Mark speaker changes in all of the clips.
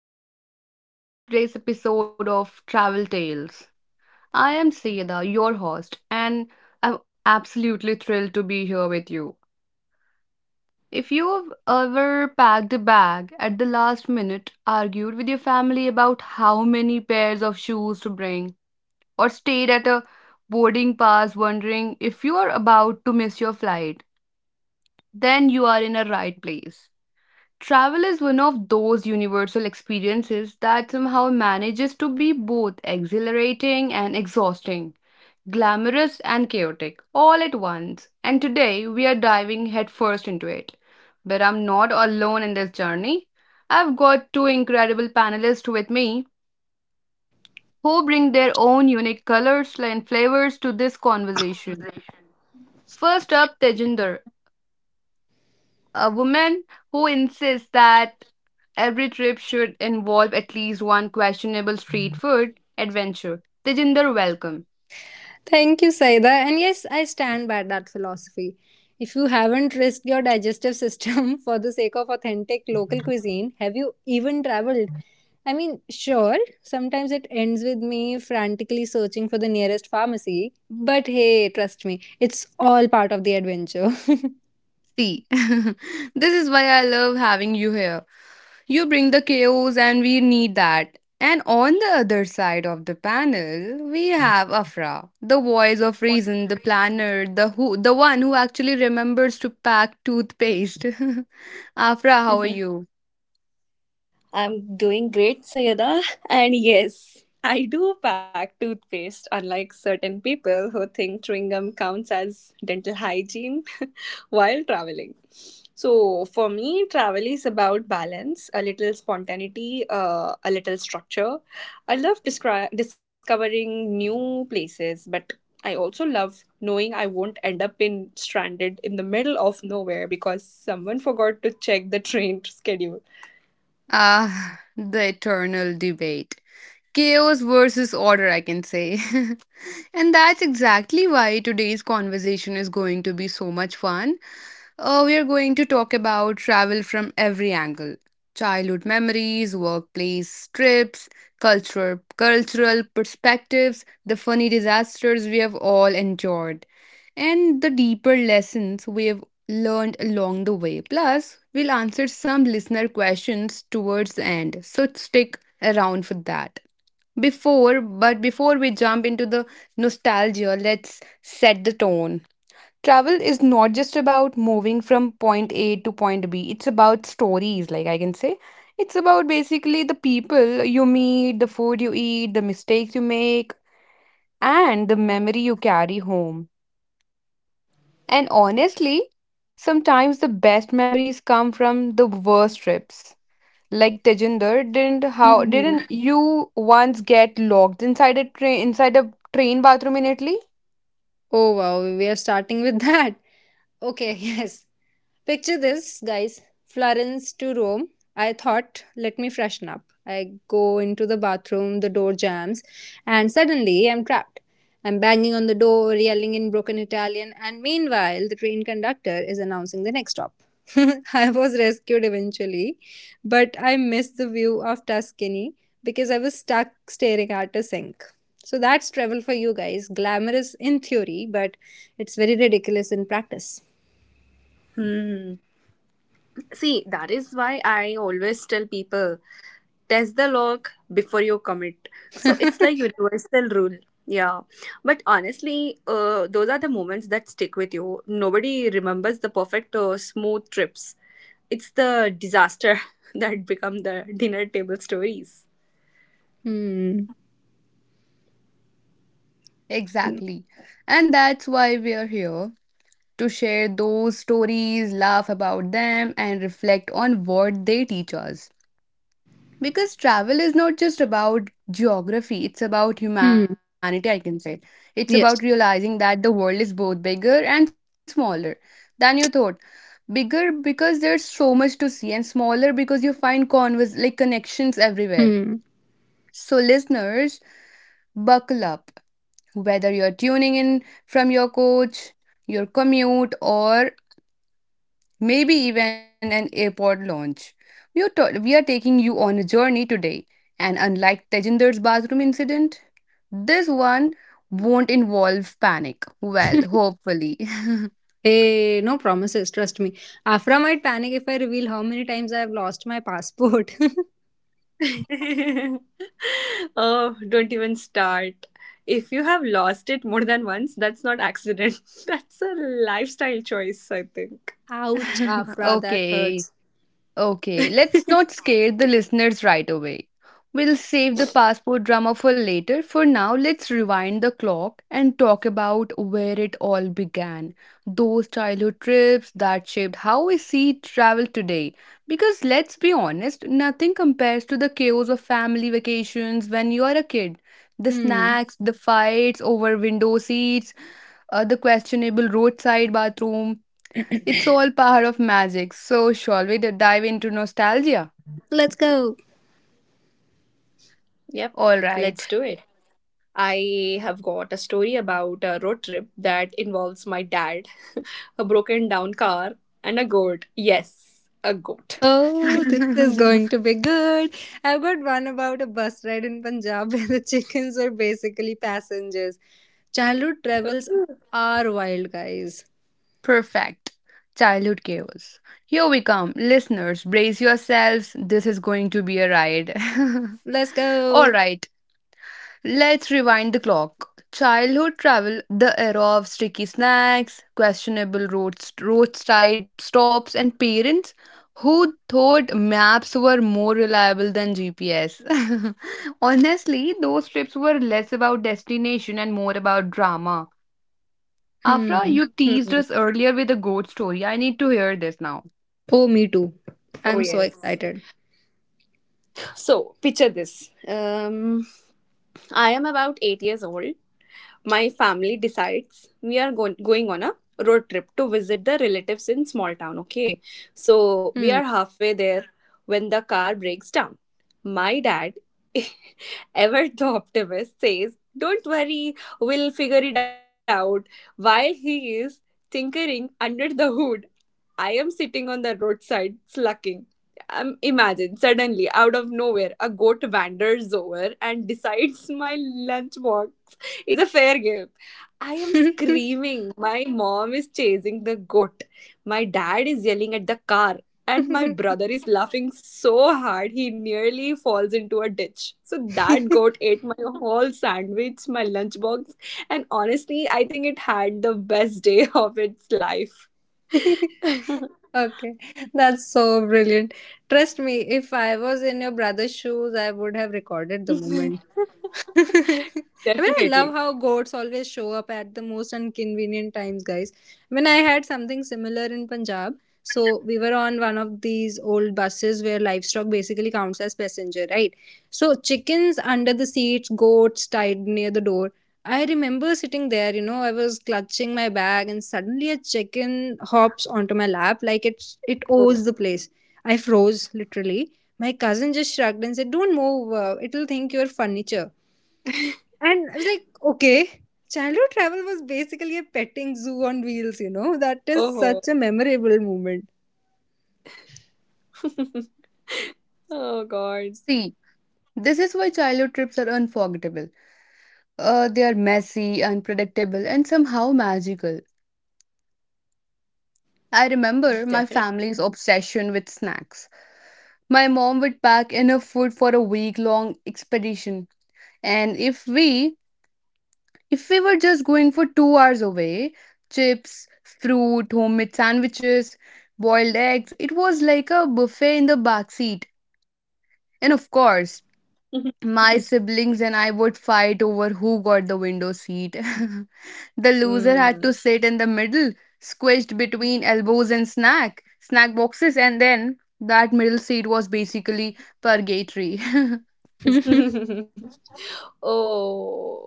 Speaker 1: hello, and welcome to today's episode of Travel Tales. I am Sayeda, your host, and I'm absolutely thrilled to be here with you. If you've ever packed a bag at the last minute, argued with your family about how many pairs of shoes to bring, or stayed at a boarding pass wondering if you are about to miss your flight, then you are in a right place. Travel is one of those universal experiences that somehow manages to be both exhilarating and exhausting, glamorous and chaotic, all at once. And today we are diving headfirst into it. But I'm not alone in this journey. I've got two incredible panelists with me who bring their own unique colors and flavors to this conversation. First up, Tejinder, a woman who insists that every trip should involve at least one questionable street food adventure. Tejinder, welcome.
Speaker 2: Thank you, Saida. And yes, I stand by that philosophy. If you haven't risked your digestive system for the sake of authentic local cuisine, have you even traveled? Sure, sometimes it ends with me frantically searching for the nearest pharmacy, but hey, trust me, it's all part of the adventure.
Speaker 1: See, this is why I love having you here. You bring the chaos, and we need that. And on the other side of the panel, we have Afra, the voice of reason, the planner, the who, the one who actually remembers to pack toothpaste. Afra, how are you?
Speaker 3: I'm doing great, Sayada. And yes, I do pack toothpaste, unlike certain people who think chewing gum counts as dental hygiene while traveling. So, for me, travel is about balance, a little spontaneity, a little structure. I love discovering new places, but I also love knowing I won't end up in stranded in the middle of nowhere because someone forgot to check the train schedule.
Speaker 1: Ah, the eternal debate. Chaos versus order, I can say. And that's exactly why today's conversation is going to be so much fun. We are going to talk about travel from every angle, childhood memories, workplace trips, cultural perspectives, the funny disasters we have all endured, and the deeper lessons we have learned along the way. Plus, we'll answer some listener questions towards the end, so stick around for that. But before we jump into the nostalgia, let's set the tone. Travel is not just about moving from point A to point B, it's about stories, like I can say. It's about basically the people you meet, the food you eat, the mistakes you make, and the memory you carry home. And honestly, sometimes the best memories come from the worst trips. Like Tejinder, didn't how
Speaker 2: Mhm.
Speaker 1: didn't you once get locked inside a train bathroom in Italy?
Speaker 2: Oh wow, we are starting with that. Okay, yes. Picture this, guys. Florence to Rome. I thought, let me freshen up. I go into the bathroom, the door jams, and suddenly I'm trapped. I'm banging on the door, yelling in broken Italian, and meanwhile, the train conductor is announcing the next stop. I was rescued eventually, but I missed the view of Tuscany because I was stuck staring at a sink. So that's travel for you guys. Glamorous in theory, but it's very ridiculous in practice.
Speaker 3: Hmm. See, that is why I always tell people test the log before you commit. So it's like universal rule. Yeah. But honestly, those are the moments that stick with you. Nobody remembers the perfect smooth trips. It's the disaster that become the dinner table stories.
Speaker 2: Hmm.
Speaker 1: Exactly. And that's why we are here to share those stories, laugh about them, and reflect on what they teach us. Because travel is not just about geography, it's about
Speaker 2: Hmm.
Speaker 1: humanity, I can say. It's about
Speaker 2: Yes.
Speaker 1: realizing that the world is both bigger and smaller than you thought. Bigger because there's so much to see, and smaller because you find converse like connections everywhere.
Speaker 2: Hmm.
Speaker 1: So, listeners, buckle up. Whether you're tuning in from your coach, your commute, or maybe even an airport lounge. We are taking you on a journey today, and unlike Tejinder's bathroom incident, this one won't involve panic. Well, hopefully.
Speaker 2: Hey, no promises. Trust me. Afra might panic if I reveal how many times I have lost my passport.
Speaker 3: Oh, don't even start. If you have lost it more than once, that's not accident. That's a lifestyle choice, I think.
Speaker 2: Ouch, Afra, that
Speaker 1: okay.
Speaker 2: hurts.
Speaker 1: Okay, let's not scare the listeners right away. We'll save the passport drama for later. For now, let's rewind the clock and talk about where it all began. Those childhood trips that shaped how we see travel today. Because let's be honest, nothing compares to the chaos of family vacations when you are a kid. The
Speaker 2: Hmm.
Speaker 1: snacks, the fights over window seats, the questionable roadside bathroom, it's all power of magic. So, shall we dive into nostalgia?
Speaker 2: Let's go.
Speaker 3: Yep,
Speaker 1: All right.
Speaker 3: let's do it. I have got a story about a road trip that involves my dad, a broken down car, and a goat. Yes, a goat.
Speaker 2: Oh, this is going to be good. I've got one about a bus ride in Punjab where the chickens were basically passengers. Childhood travels
Speaker 3: Hmm.
Speaker 2: are wild, guys.
Speaker 1: Perfect. Childhood chaos. Here we come. Listeners, brace yourselves. This is going to be a ride.
Speaker 2: Let's
Speaker 1: all
Speaker 2: go.
Speaker 1: right. Let's rewind the clock. Childhood travel, the era of sticky snacks, questionable roads, roadside stops, and parents who thought maps were more reliable than GPS. Honestly, those trips were less about destination and more about drama. Afra,
Speaker 2: Hmm.
Speaker 1: you teased us earlier with a goat story. I need to hear this now.
Speaker 2: Oh, me too.
Speaker 3: Oh,
Speaker 2: I'm so
Speaker 3: yes.
Speaker 2: excited.
Speaker 3: So, picture this. I am about 8 years old. My family decides we are going on a road trip to visit the relatives in small town, okay, so we
Speaker 2: Hmm.
Speaker 3: are halfway there when the car breaks down. My dad, ever the optimist, says, "Don't worry, we'll figure it out." While he is tinkering under the hood, I am sitting on the roadside slacking. Imagine suddenly out of nowhere a goat wanders over and decides my lunchbox is a fair game. I am screaming. My mom is chasing the goat. My dad is yelling at the car, and my brother is laughing so hard he nearly falls into a ditch. So that goat ate my whole sandwich, my lunchbox, and honestly, I think it had the best day of its life.
Speaker 2: Okay, that's so brilliant. Trust me, if I was in your brother's shoes, I would have recorded the moment. I mean, I love
Speaker 3: Definitely.
Speaker 2: how goats always show up at the most inconvenient times, guys. I had something similar in Punjab. So we were on one of these old buses where livestock basically counts as passenger, right? So chickens under the seats, goats tied near the door. I remember sitting there, you know, I was clutching my bag and suddenly a chicken hops onto my lap like it
Speaker 3: Oh,
Speaker 2: owes the place. I froze literally. My cousin just shrugged and said, "Don't move, it'll think you're furniture." And I was like, "Okay." Childhood travel was basically a petting zoo on wheels, you know. That is
Speaker 3: oh.
Speaker 2: such a memorable moment.
Speaker 3: Oh god.
Speaker 1: See, this is why childhood trips are unforgettable. They are messy, unpredictable, and somehow magical. I remember
Speaker 3: Definitely.
Speaker 1: my family's obsession with snacks. My mom would pack enough food for a week long expedition. And if we were just going for 2 hours away, chips, fruit, homemade sandwiches, boiled eggs, it was like a buffet in the back seat. And of course, my siblings and I would fight over who got the window seat. The loser had
Speaker 3: Mm.
Speaker 1: to sit in the middle, squished between elbows and snack boxes, and then that middle seat was basically purgatory.
Speaker 3: Oh.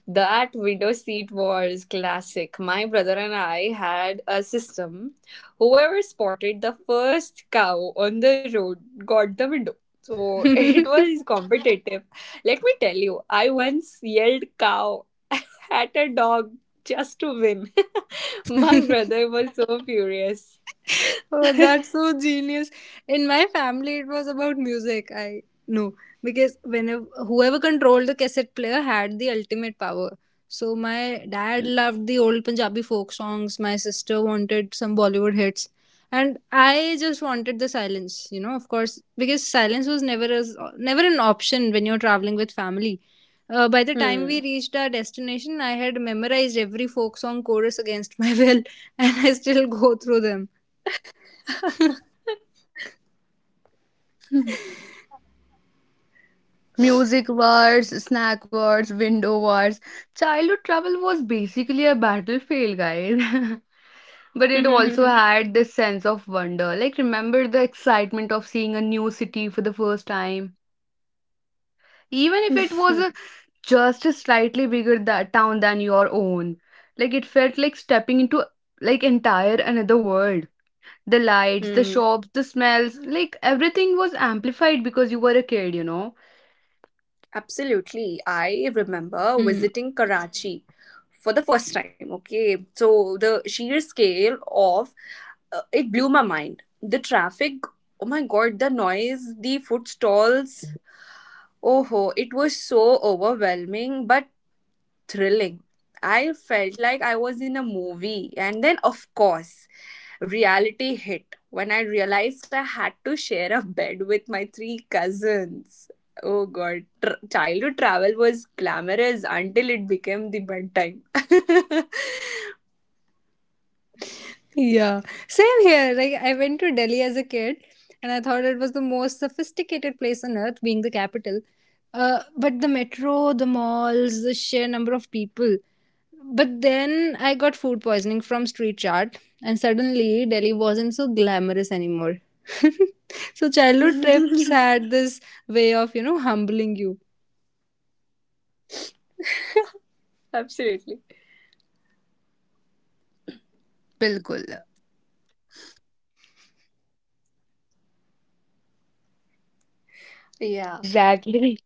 Speaker 3: That window seat was classic. My brother and I had a system. Whoever spotted the first cow on the road got the window. So it was competitive. Let me tell you, I once yelled cow at a dog just to win. My brother was so furious.
Speaker 2: Oh, that's so genius. In my family, it was about music. I know because whenever whoever controlled the cassette player had the ultimate power. So my dad loved the old Punjabi folk songs. My sister wanted some Bollywood hits, and I just wanted the silence. You know, of course, because silence was never an option when you're traveling with family. By the time we
Speaker 3: Hmm.
Speaker 2: reached our destination, I had memorized every folk song chorus against my will, and I still go through them.
Speaker 1: Music wars, snack wars, window wars. Childhood travel was basically a battlefield, guys. But it also had this sense of wonder. Like, remember the excitement of seeing a new city for the first time? Even if it was just a slightly bigger that town than your own, like it felt like stepping into entire another world, the lights, the
Speaker 3: Hmm.
Speaker 1: shops, the smells, like everything was amplified because you were a kid, you know.
Speaker 3: Absolutely. I remember
Speaker 2: Hmm.
Speaker 3: visiting Karachi for the first time. Okay. So the sheer scale of it blew my mind. The traffic, oh my god, the noise, the food stalls. Oh, ho, it was so overwhelming, but thrilling. I felt like I was in a movie. And then, of course, reality hit when I realized I had to share a bed with my three cousins. Oh god, childhood travel was glamorous until it became the bedtime.
Speaker 2: Yeah, same here. Like, I went to Delhi as a kid and I thought it was the most sophisticated place on earth, being the capital. But the metro, the malls, the sheer number of people. But then I got food poisoning from street chart, and suddenly Delhi wasn't so glamorous anymore. So, childhood trips had this way of, you know, humbling you.
Speaker 3: Absolutely.
Speaker 1: बिल्कुल,
Speaker 3: Yeah.
Speaker 1: exactly.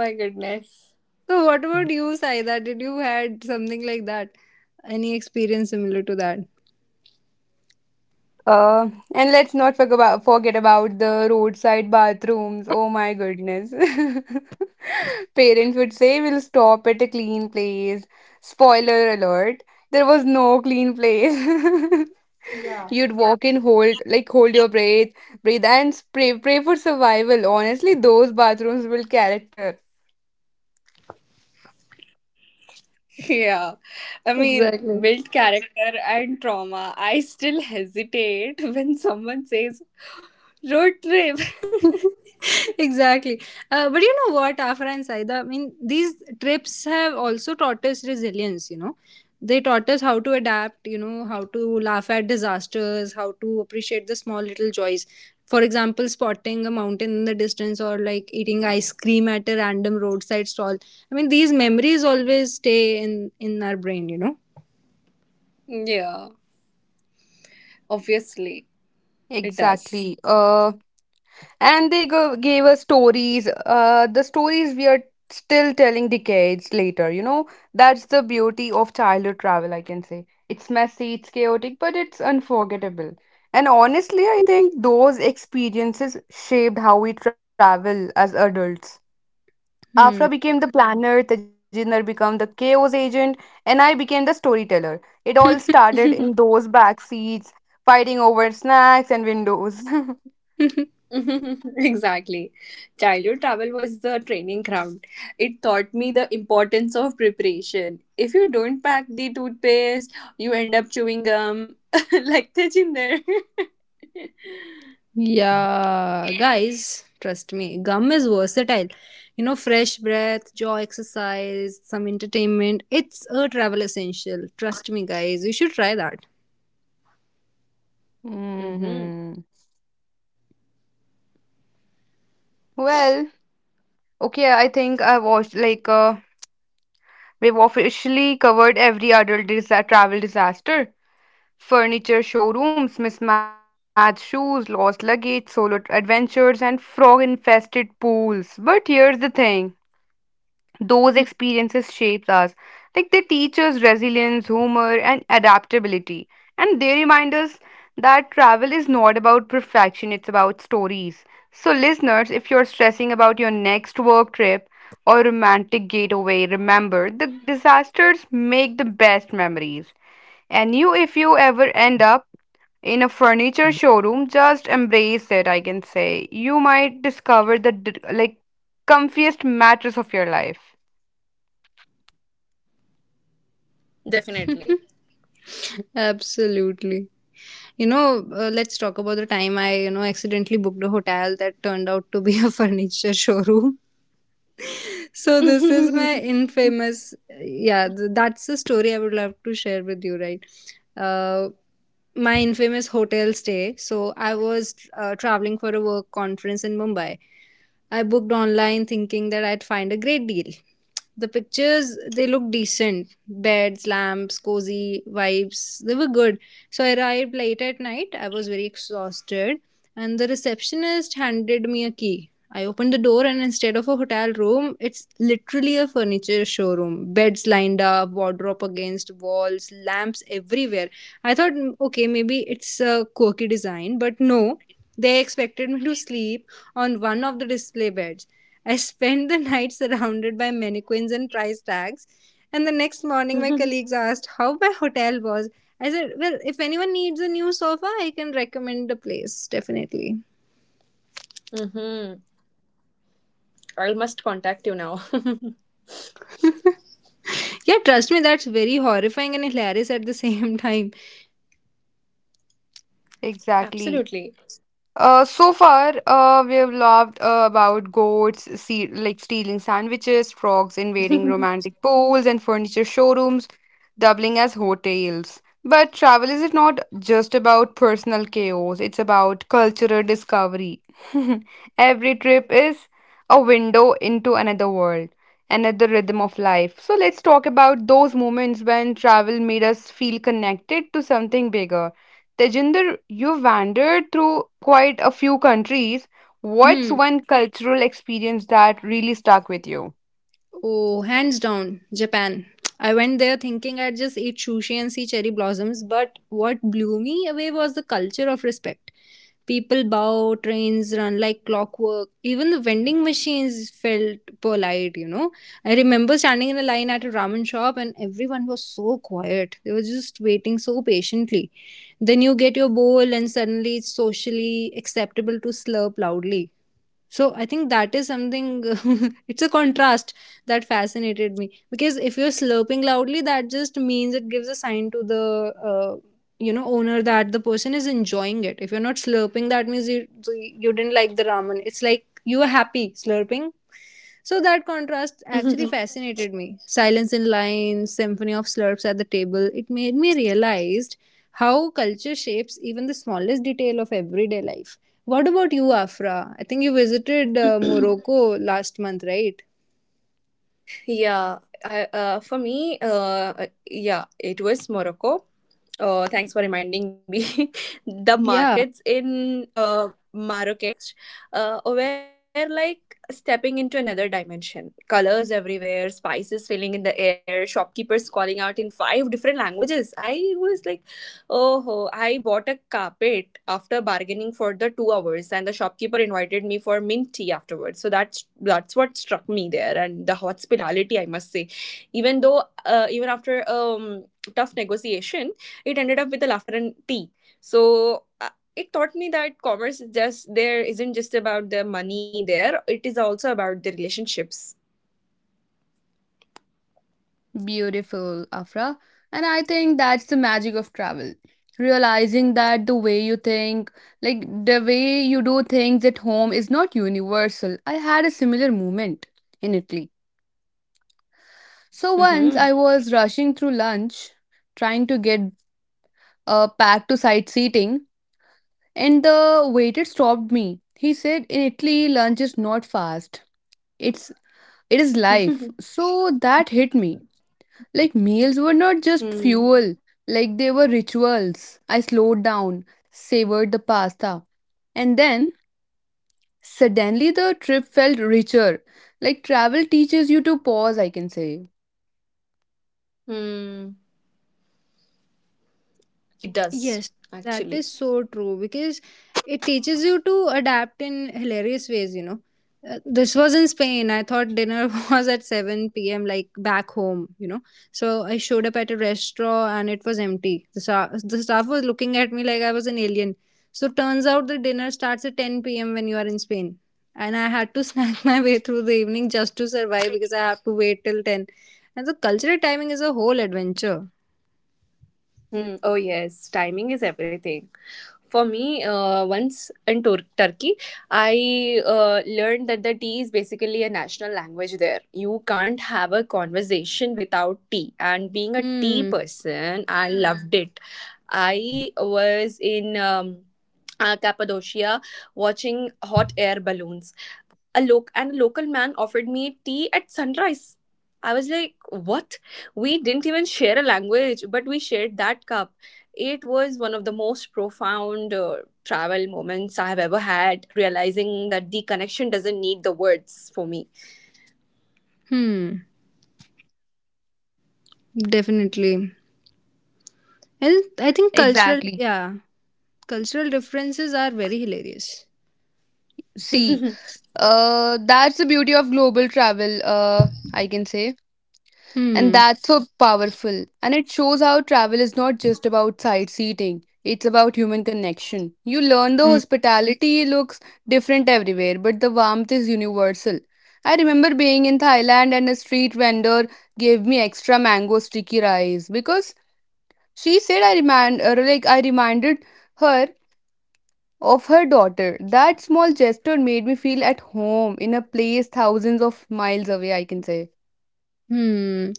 Speaker 3: Oh my goodness.
Speaker 2: So, what about you, Saida? Did you had something like that? Any experience similar to that?
Speaker 1: uh, and let's not forget about the roadside bathrooms. Oh my goodness. Parents would say we'll stop at a clean place. Spoiler alert, there was no clean place. You'd walk and hold, like hold your breath, breathe and pray for survival. Honestly, those bathrooms build character.
Speaker 3: Yeah. I mean,
Speaker 2: Exactly.
Speaker 3: built character and trauma. I still hesitate when someone says road trip.
Speaker 2: Exactly. But you know what, Afra and Saida, these trips have also taught us resilience, you know. They taught us how to adapt, you know, how to laugh at disasters, how to appreciate the small little joys. For example, spotting a mountain in the distance or like eating ice cream at a random roadside stall. These memories always stay in our brain, you know.
Speaker 3: Yeah. Obviously, it does.
Speaker 1: Exactly. And they gave us stories. The stories we are still telling decades later. You know, that's the beauty of childhood travel. I can say it's messy, it's chaotic, but it's unforgettable. And honestly, I think those experiences shaped how we travel as adults. Afra became the planner, Tejinder became the chaos agent, and I became the storyteller. It all
Speaker 2: Hmm.
Speaker 1: started in those back seats, fighting over snacks and windows.
Speaker 3: Exactly. Childhood travel was the training ground. It taught me the importance of preparation. If you don't pack the toothpaste, you end up chewing gum like the ginger.
Speaker 2: Yeah, guys, trust me, gum is versatile. You know, fresh breath, jaw exercise, some entertainment. It's a travel essential. Trust me, guys, you should try that.
Speaker 3: Mm-hmm.
Speaker 1: hmm. Well, okay, I think I watched like we've officially covered every adult travel disaster. Furniture showrooms, mismatched shoes, lost luggage, solo adventures, and frog infested pools. But here's the thing, those experiences shapes us. Like they teach us resilience, humor, and adaptability. And they remind us that travel is not about perfection, it's about stories. So, listeners, if you're stressing about your next work trip or romantic getaway, remember the disasters make the best memories. And you, if you ever end up in a furniture showroom, just embrace it, I can say. You might discover the comfiest mattress of your life.
Speaker 3: Definitely.
Speaker 2: Absolutely. You know, let's talk about the time I, you know, accidentally booked a hotel that turned out to be a furniture showroom. So this is my infamous Yeah, that's the story I would love to share with you, right? uh, my infamous hotel stay. So I was traveling for a work conference in Mumbai. I booked online thinking that I'd find a great deal. The pictures, they looked decent. Beds, lamps, cozy vibes. They were good. So I arrived late at night. I was very exhausted and the receptionist handed me a key. I opened the door and instead of a hotel room, it's literally a furniture showroom. Beds lined up, wardrobe against walls, lamps everywhere. I thought, "Mm, okay, maybe it's a quirky design," but no. They expected me to sleep on one of the display beds. I spent the night surrounded by mannequins and price tags. And the next morning, my
Speaker 3: Mm-hmm.
Speaker 2: colleagues asked how my hotel was. I said, "Well, if anyone needs a new sofa, I can recommend the place, definitely."
Speaker 3: I must contact you now.
Speaker 2: Yeah, trust me, that's very horrifying and hilarious at the same time.
Speaker 1: Exactly.
Speaker 3: Absolutely.
Speaker 1: So far, we have loved about goats, see, like stealing sandwiches, frogs invading romantic pools and furniture showrooms, doubling as hotels. But travel is not just about personal chaos, it's about cultural discovery. Every trip is a window into another world, another rhythm of life. So let's talk about those moments when travel made us feel connected to something bigger. Tejinder, you wandered through quite a few countries. What's
Speaker 2: Hmm.
Speaker 1: one cultural experience that really stuck with you?
Speaker 2: Oh, hands down, Japan. I went there thinking I'd just eat sushi and see cherry blossoms, but what blew me away was the culture of respect. People bow, trains run like clockwork. Even the vending machines felt polite, you know. I remember standing in a line at a ramen shop and everyone was so quiet. They were just waiting so patiently. Then you get your bowl and suddenly it's socially acceptable to slurp loudly. So I think that is something. It's a contrast that fascinated me because if you're slurping loudly, that just means it gives a sign to the you know, owner that the person is enjoying it. If you're not slurping, that means you didn't like the ramen. It's like you were happy slurping, so that contrast actually fascinated me. Silence in lines, symphony of slurps at the table, it made me realize how culture shapes even the smallest detail of everyday life. What about you, Afra? I think you visited Morocco last month, right?
Speaker 3: Yeah, for me, yeah, it was Morocco. Thanks for reminding me. The
Speaker 2: Yeah,
Speaker 3: markets in Marrakesh were like stepping into another dimension. Colors everywhere, spices filling in the air, shopkeepers calling out in five different languages. I was like, "Oh, I bought a carpet after bargaining for the 2 hours, and the shopkeeper invited me for mint tea afterwards." So that's what struck me there, and the hospitality, I must say. Even though, even after tough negotiation, it ended up with a laughter and tea. So. It taught me that commerce is just there isn't just about the money there it is also about the relationships.
Speaker 1: Beautiful, Afra. And I think that's the magic of travel. Realizing that the way you think, like the way you do things at home, is not universal. I had a similar moment in Italy. So once
Speaker 3: Mm-hmm.
Speaker 1: I was rushing through lunch, trying to get back to sightseeing, and the waiter stopped me. He said, "In Italy, lunch is not fast. It's it is life." So that hit me. Like meals were not just
Speaker 3: Hmm.
Speaker 1: fuel, like they were rituals. I slowed down, savored the pasta. And then suddenly the trip felt richer. Like travel teaches you to pause, I can say.
Speaker 3: Hmm. It does
Speaker 2: yes, that
Speaker 3: actually.
Speaker 2: is so true because it teaches you to adapt in hilarious ways, you know. This was in Spain. I thought dinner was at 7 p.m., like back home, you know. So I showed up at a restaurant and it was empty. The staff was looking at me like I was an alien. So turns out the dinner starts at 10 p.m. when you are in Spain. And I had to snack my way through the evening just to survive because I have to wait till 10. And the cultural timing is a whole adventure.
Speaker 3: Hmm. Oh, yes, timing is everything. For me, once in Turkey, I learned that the tea is basically a national language there. You can't have a conversation without tea. And being a tea
Speaker 2: Hmm.
Speaker 3: person, I loved it. I was in Cappadocia watching hot air balloons, a loc and a local man offered me tea at sunrise. I was like, what? We didn't even share a language, but we shared that cup. It was one of the most profound travel moments I have ever had, realizing that the connection doesn't need the words for me.
Speaker 2: Hmm. Definitely. And I think cultural,
Speaker 1: Exactly.
Speaker 2: yeah, cultural differences are very hilarious.
Speaker 1: See, that's the beauty of global travel, I can say. And
Speaker 2: Hmm.
Speaker 1: that's so powerful. And it shows how travel is not just about sightseeing, it's about human connection. You learn the hospitality looks different everywhere, but the warmth is universal. I remember being in Thailand and a street vendor gave me extra mango sticky rice because she said I reminded her of her daughter. That small gesture made me feel at home in a place thousands of miles away, I can say.
Speaker 2: Hmm.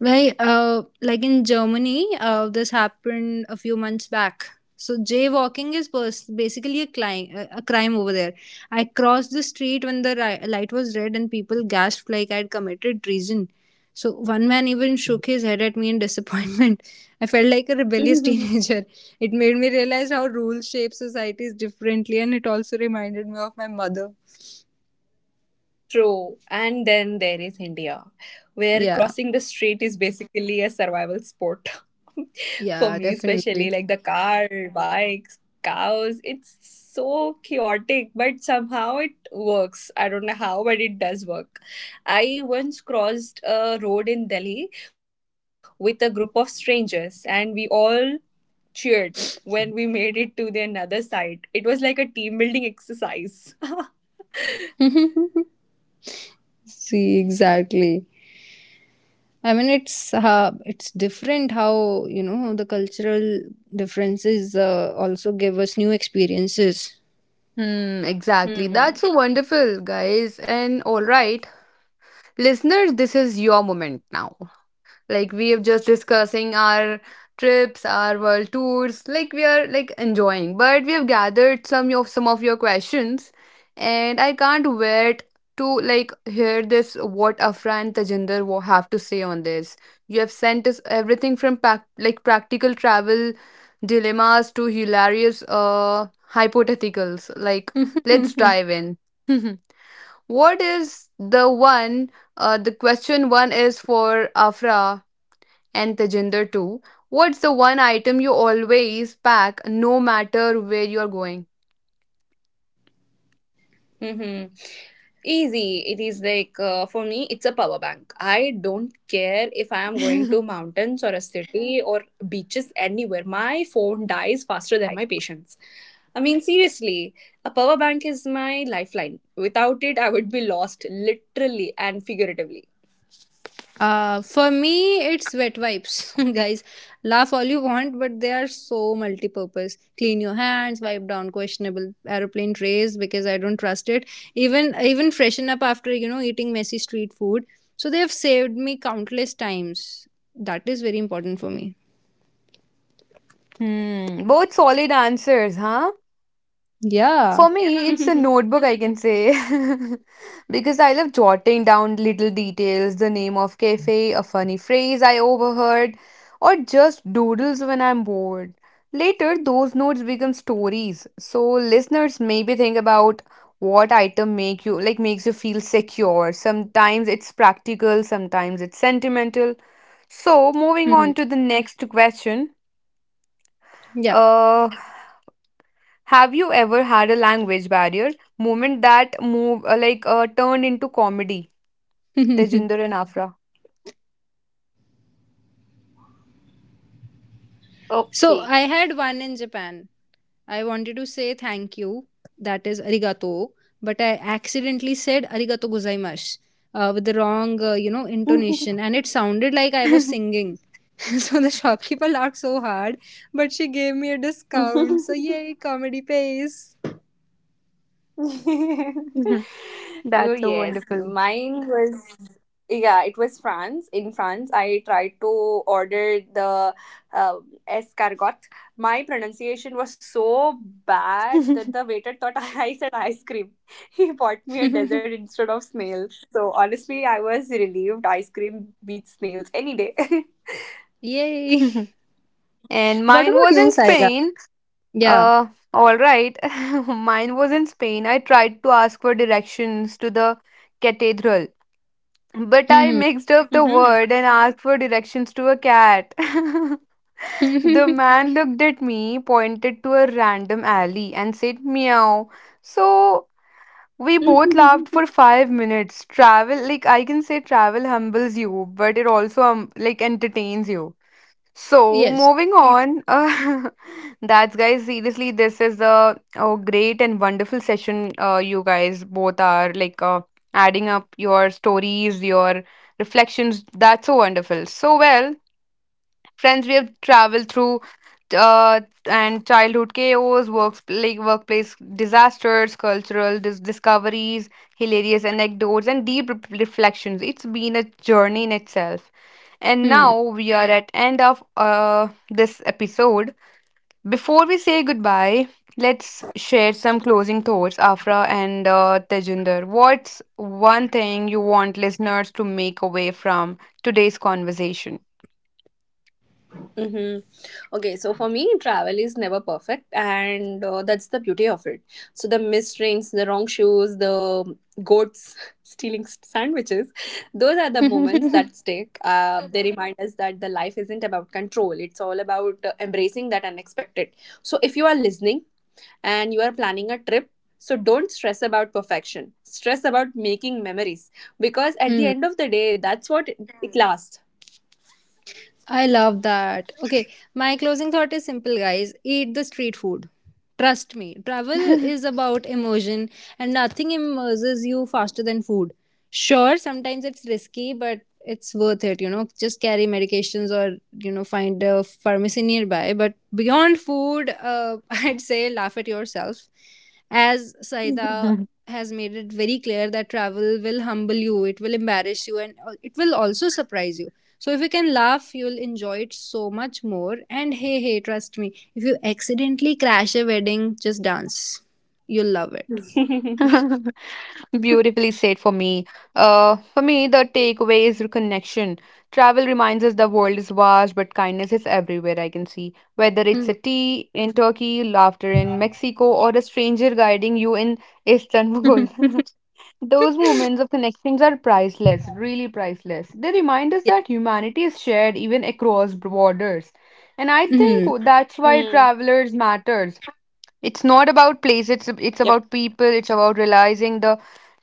Speaker 2: Well, like in Germany, this happened a few months back. So jaywalking is basically a crime over there. I crossed the street when the light was red, and people gasped like I'd committed treason. So one man even shook his head at me in disappointment. I felt like a rebellious teenager. It made me realize how rules shape societies differently, and it also reminded me of my mother.
Speaker 3: True. And then there is India, where
Speaker 2: Yeah,
Speaker 3: crossing the street is basically a survival sport. For
Speaker 2: yeah,
Speaker 3: me, especially
Speaker 2: definitely.
Speaker 3: like the car, bikes, cows, it's so chaotic, but somehow it works. I don't know how, but it does work. I once crossed a road in Delhi with a group of strangers, and we all cheered when we made it to the another side. It was like a team building exercise.
Speaker 2: See, exactly. It's different how, you know, the cultural differences also give us new experiences.
Speaker 1: Hmm, exactly.
Speaker 3: Hmm.
Speaker 1: That's so wonderful, guys. And all right, listeners, this is your moment now. Like we have just discussing our trips, our world tours. Like we are like enjoying, but we have gathered some of your questions, and I can't wait to like hear this what Afra and Tajinder will have to say on this. You have sent us everything from practical travel dilemmas to hilarious hypotheticals. Like let's dive in. What is the one the question one is for Afra and Tejinder too. What's the one item you always pack no matter where you're going?
Speaker 3: Mm-hmm. Easy. It is like for me, it's a power bank. I don't care if I am going
Speaker 1: hmm,
Speaker 3: to mountains or a city or beaches anywhere. My phone dies faster than my patience. I mean, seriously, a power bank is my lifeline. Without it, I would be lost literally and figuratively.
Speaker 2: For me, it's wet wipes, guys. Laugh all you want, but they are so multi-purpose. Clean your hands, wipe down questionable aeroplane trays because I don't trust it. Even freshen up after, you know, eating messy street food. So they have saved me countless times. That is very important for me.
Speaker 1: both solid answers, huh?
Speaker 2: Yeah.
Speaker 1: For me, it's a notebook, I can say, because I love jotting down little details, the name of cafe, a funny phrase I overheard, or just doodles when I'm bored. Later, those notes become stories. So listeners, maybe think about what item makes you feel secure. Sometimes it's practical, sometimes it's sentimental. So moving
Speaker 2: Hmm.
Speaker 1: on to the next question. Uh, have you ever had a language barrier moment that move like turned into comedy?
Speaker 2: Yeah.
Speaker 1: Tejinder and Afra.
Speaker 2: So
Speaker 3: Okay.
Speaker 2: I had one in Japan. I wanted to say thank you, that is arigato, but I accidentally said arigato gozaimasu with the wrong, you know, intonation, and it sounded like I was singing. So the shopkeeper laughed so hard, but she gave me a discount. So yay, comedy pays.
Speaker 3: Oh
Speaker 1: That's so
Speaker 3: yes,
Speaker 1: wonderful.
Speaker 3: mine was yeah, it was France. In France, I tried to order the uh, escargot. My pronunciation was so bad that the waiter thought I said ice cream. He bought me a dessert instead of snails, so honestly, I was relieved. Ice cream beats snails any day.
Speaker 2: Yay.
Speaker 1: And
Speaker 2: What
Speaker 1: mine
Speaker 2: about
Speaker 1: was
Speaker 2: you,
Speaker 1: in
Speaker 2: Saida?
Speaker 1: Spain.
Speaker 2: Yeah.
Speaker 1: Uh, all right. Mine was in Spain. I tried to ask for directions to the cathedral, but I mixed up the
Speaker 3: Hmm.
Speaker 1: word and asked for directions to a cat. The man looked at me, pointed to a random alley, and said meow. So we both laughed for 5 minutes. Travel, like I can say, travel humbles you, but it also entertains you. So
Speaker 2: Yes.
Speaker 1: moving on, that's guys. Seriously, this is a great and wonderful session. You guys both are like adding up your stories, your reflections. That's so wonderful. So well, friends, we have traveled through uh, and childhood chaos, works like workplace disasters, cultural discoveries, hilarious anecdotes, and deep reflections. It's been a journey in itself. And
Speaker 2: Hmm.
Speaker 1: now we are at end of this episode. Before we say goodbye, let's share some closing thoughts, Afra and Tejinder. What's one thing you want listeners to make away from today's conversation?
Speaker 3: Mm-hmm. Okay, so for me, travel is never perfect, and that's the beauty of it. So, the missed trains, the wrong shoes, the goats stealing sandwiches, those are the moments
Speaker 2: Hmm.
Speaker 3: that stick. They remind us that the life isn't about control, it's all about embracing that unexpected. So, if you are listening and you are planning a trip, so don't stress about perfection, stress about making memories because at the end of the day, that's what it lasts.
Speaker 2: I love that. Okay, my closing thought is simple, guys. Eat the street food. Trust me, travel is about immersion, and nothing immerses you faster than food. Sure, sometimes it's risky, but it's worth it, you know. Just carry medications or, you know, find a pharmacy nearby. But beyond food, I'd say laugh at yourself. As Saida has made it very clear that travel will humble you, it will embarrass you, and it will also surprise you, so if you can laugh, you'll enjoy it so much more. And hey, trust me, if you accidentally crash a wedding, just dance. You'll love it.
Speaker 1: Beautifully said for me. For me, the takeaway is connection. Travel reminds us the world is vast, but kindness is everywhere, I can see. Whether it's a
Speaker 2: Hmm.
Speaker 1: tea in Turkey, laughter in Mexico, or a stranger guiding you in Istanbul. Those moments of connections are priceless, really priceless. They remind us
Speaker 2: Yes.
Speaker 1: that humanity is shared even across borders. And I think
Speaker 2: Mhm.
Speaker 1: that's why
Speaker 3: Hmm.
Speaker 1: travelers matters, it's not about place, it's about people, it's about realizing the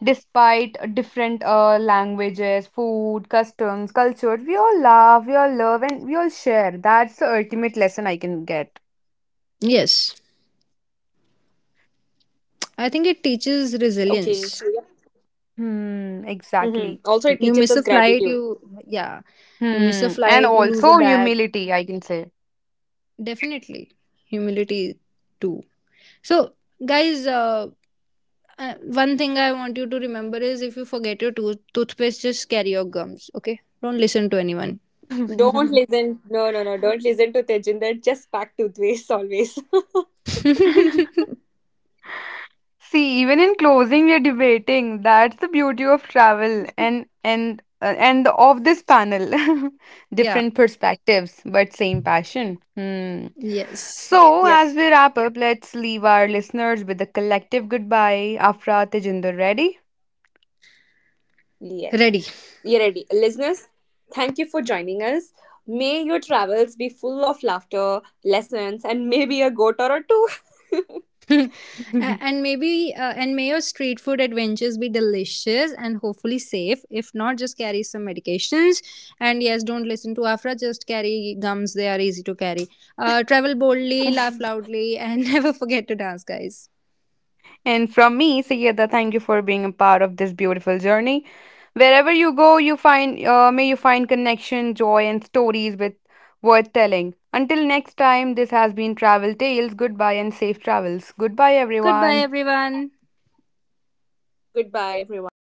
Speaker 1: despite different languages, food, customs, cultures, we all love and we all share. That's the ultimate lesson I can get.
Speaker 2: Yes. I think it teaches
Speaker 3: Okay, so
Speaker 2: resilience.
Speaker 3: yeah.
Speaker 1: Hmm,
Speaker 3: Hmm.
Speaker 1: exactly.
Speaker 3: Also, it
Speaker 2: You
Speaker 3: teaches us
Speaker 2: miss a flight,
Speaker 3: gratitude.
Speaker 2: you, yeah, you miss a
Speaker 1: Hmm, and
Speaker 2: flight, you lose a
Speaker 1: also
Speaker 2: bag.
Speaker 1: humility, I can say.
Speaker 2: Definitely. Humility too. So, guys, uh, one thing I want you to remember is if you forget your toothpaste, just carry your gums, okay? Don't listen to anyone.
Speaker 3: Don't listen. No, no, no. Don't listen to Tejinder. Just pack toothpaste always.
Speaker 1: See, even in closing, we are debating. That's the beauty of travel and of this panel.
Speaker 2: Yeah.
Speaker 1: Different perspectives, but same passion. Hmm.
Speaker 2: Yes.
Speaker 1: So,
Speaker 3: Yep.
Speaker 1: as we wrap up, let's leave our listeners with a collective goodbye. Afra, Tejinder, ready?
Speaker 3: Yes.
Speaker 2: Ready.
Speaker 3: You're ready. Listeners, thank you for joining us. May your travels be full of laughter, lessons, and maybe a goat or a two.
Speaker 2: A- and maybe, and may your street food adventures be delicious and hopefully safe. If not, just carry some medications. And yes, don't listen to Afra, just carry gums. They are easy to carry. Travel boldly, laugh loudly, and never forget to dance, guys.
Speaker 1: And from me, Sayyeda, thank you for being a part of this beautiful journey. Wherever you go, you find may you find connection, joy, and stories with worth telling. Until next time, this has been Travel Tales. Goodbye and safe travels. Goodbye,
Speaker 2: Goodbye,
Speaker 1: everyone.
Speaker 2: everyone.
Speaker 3: Goodbye, everyone.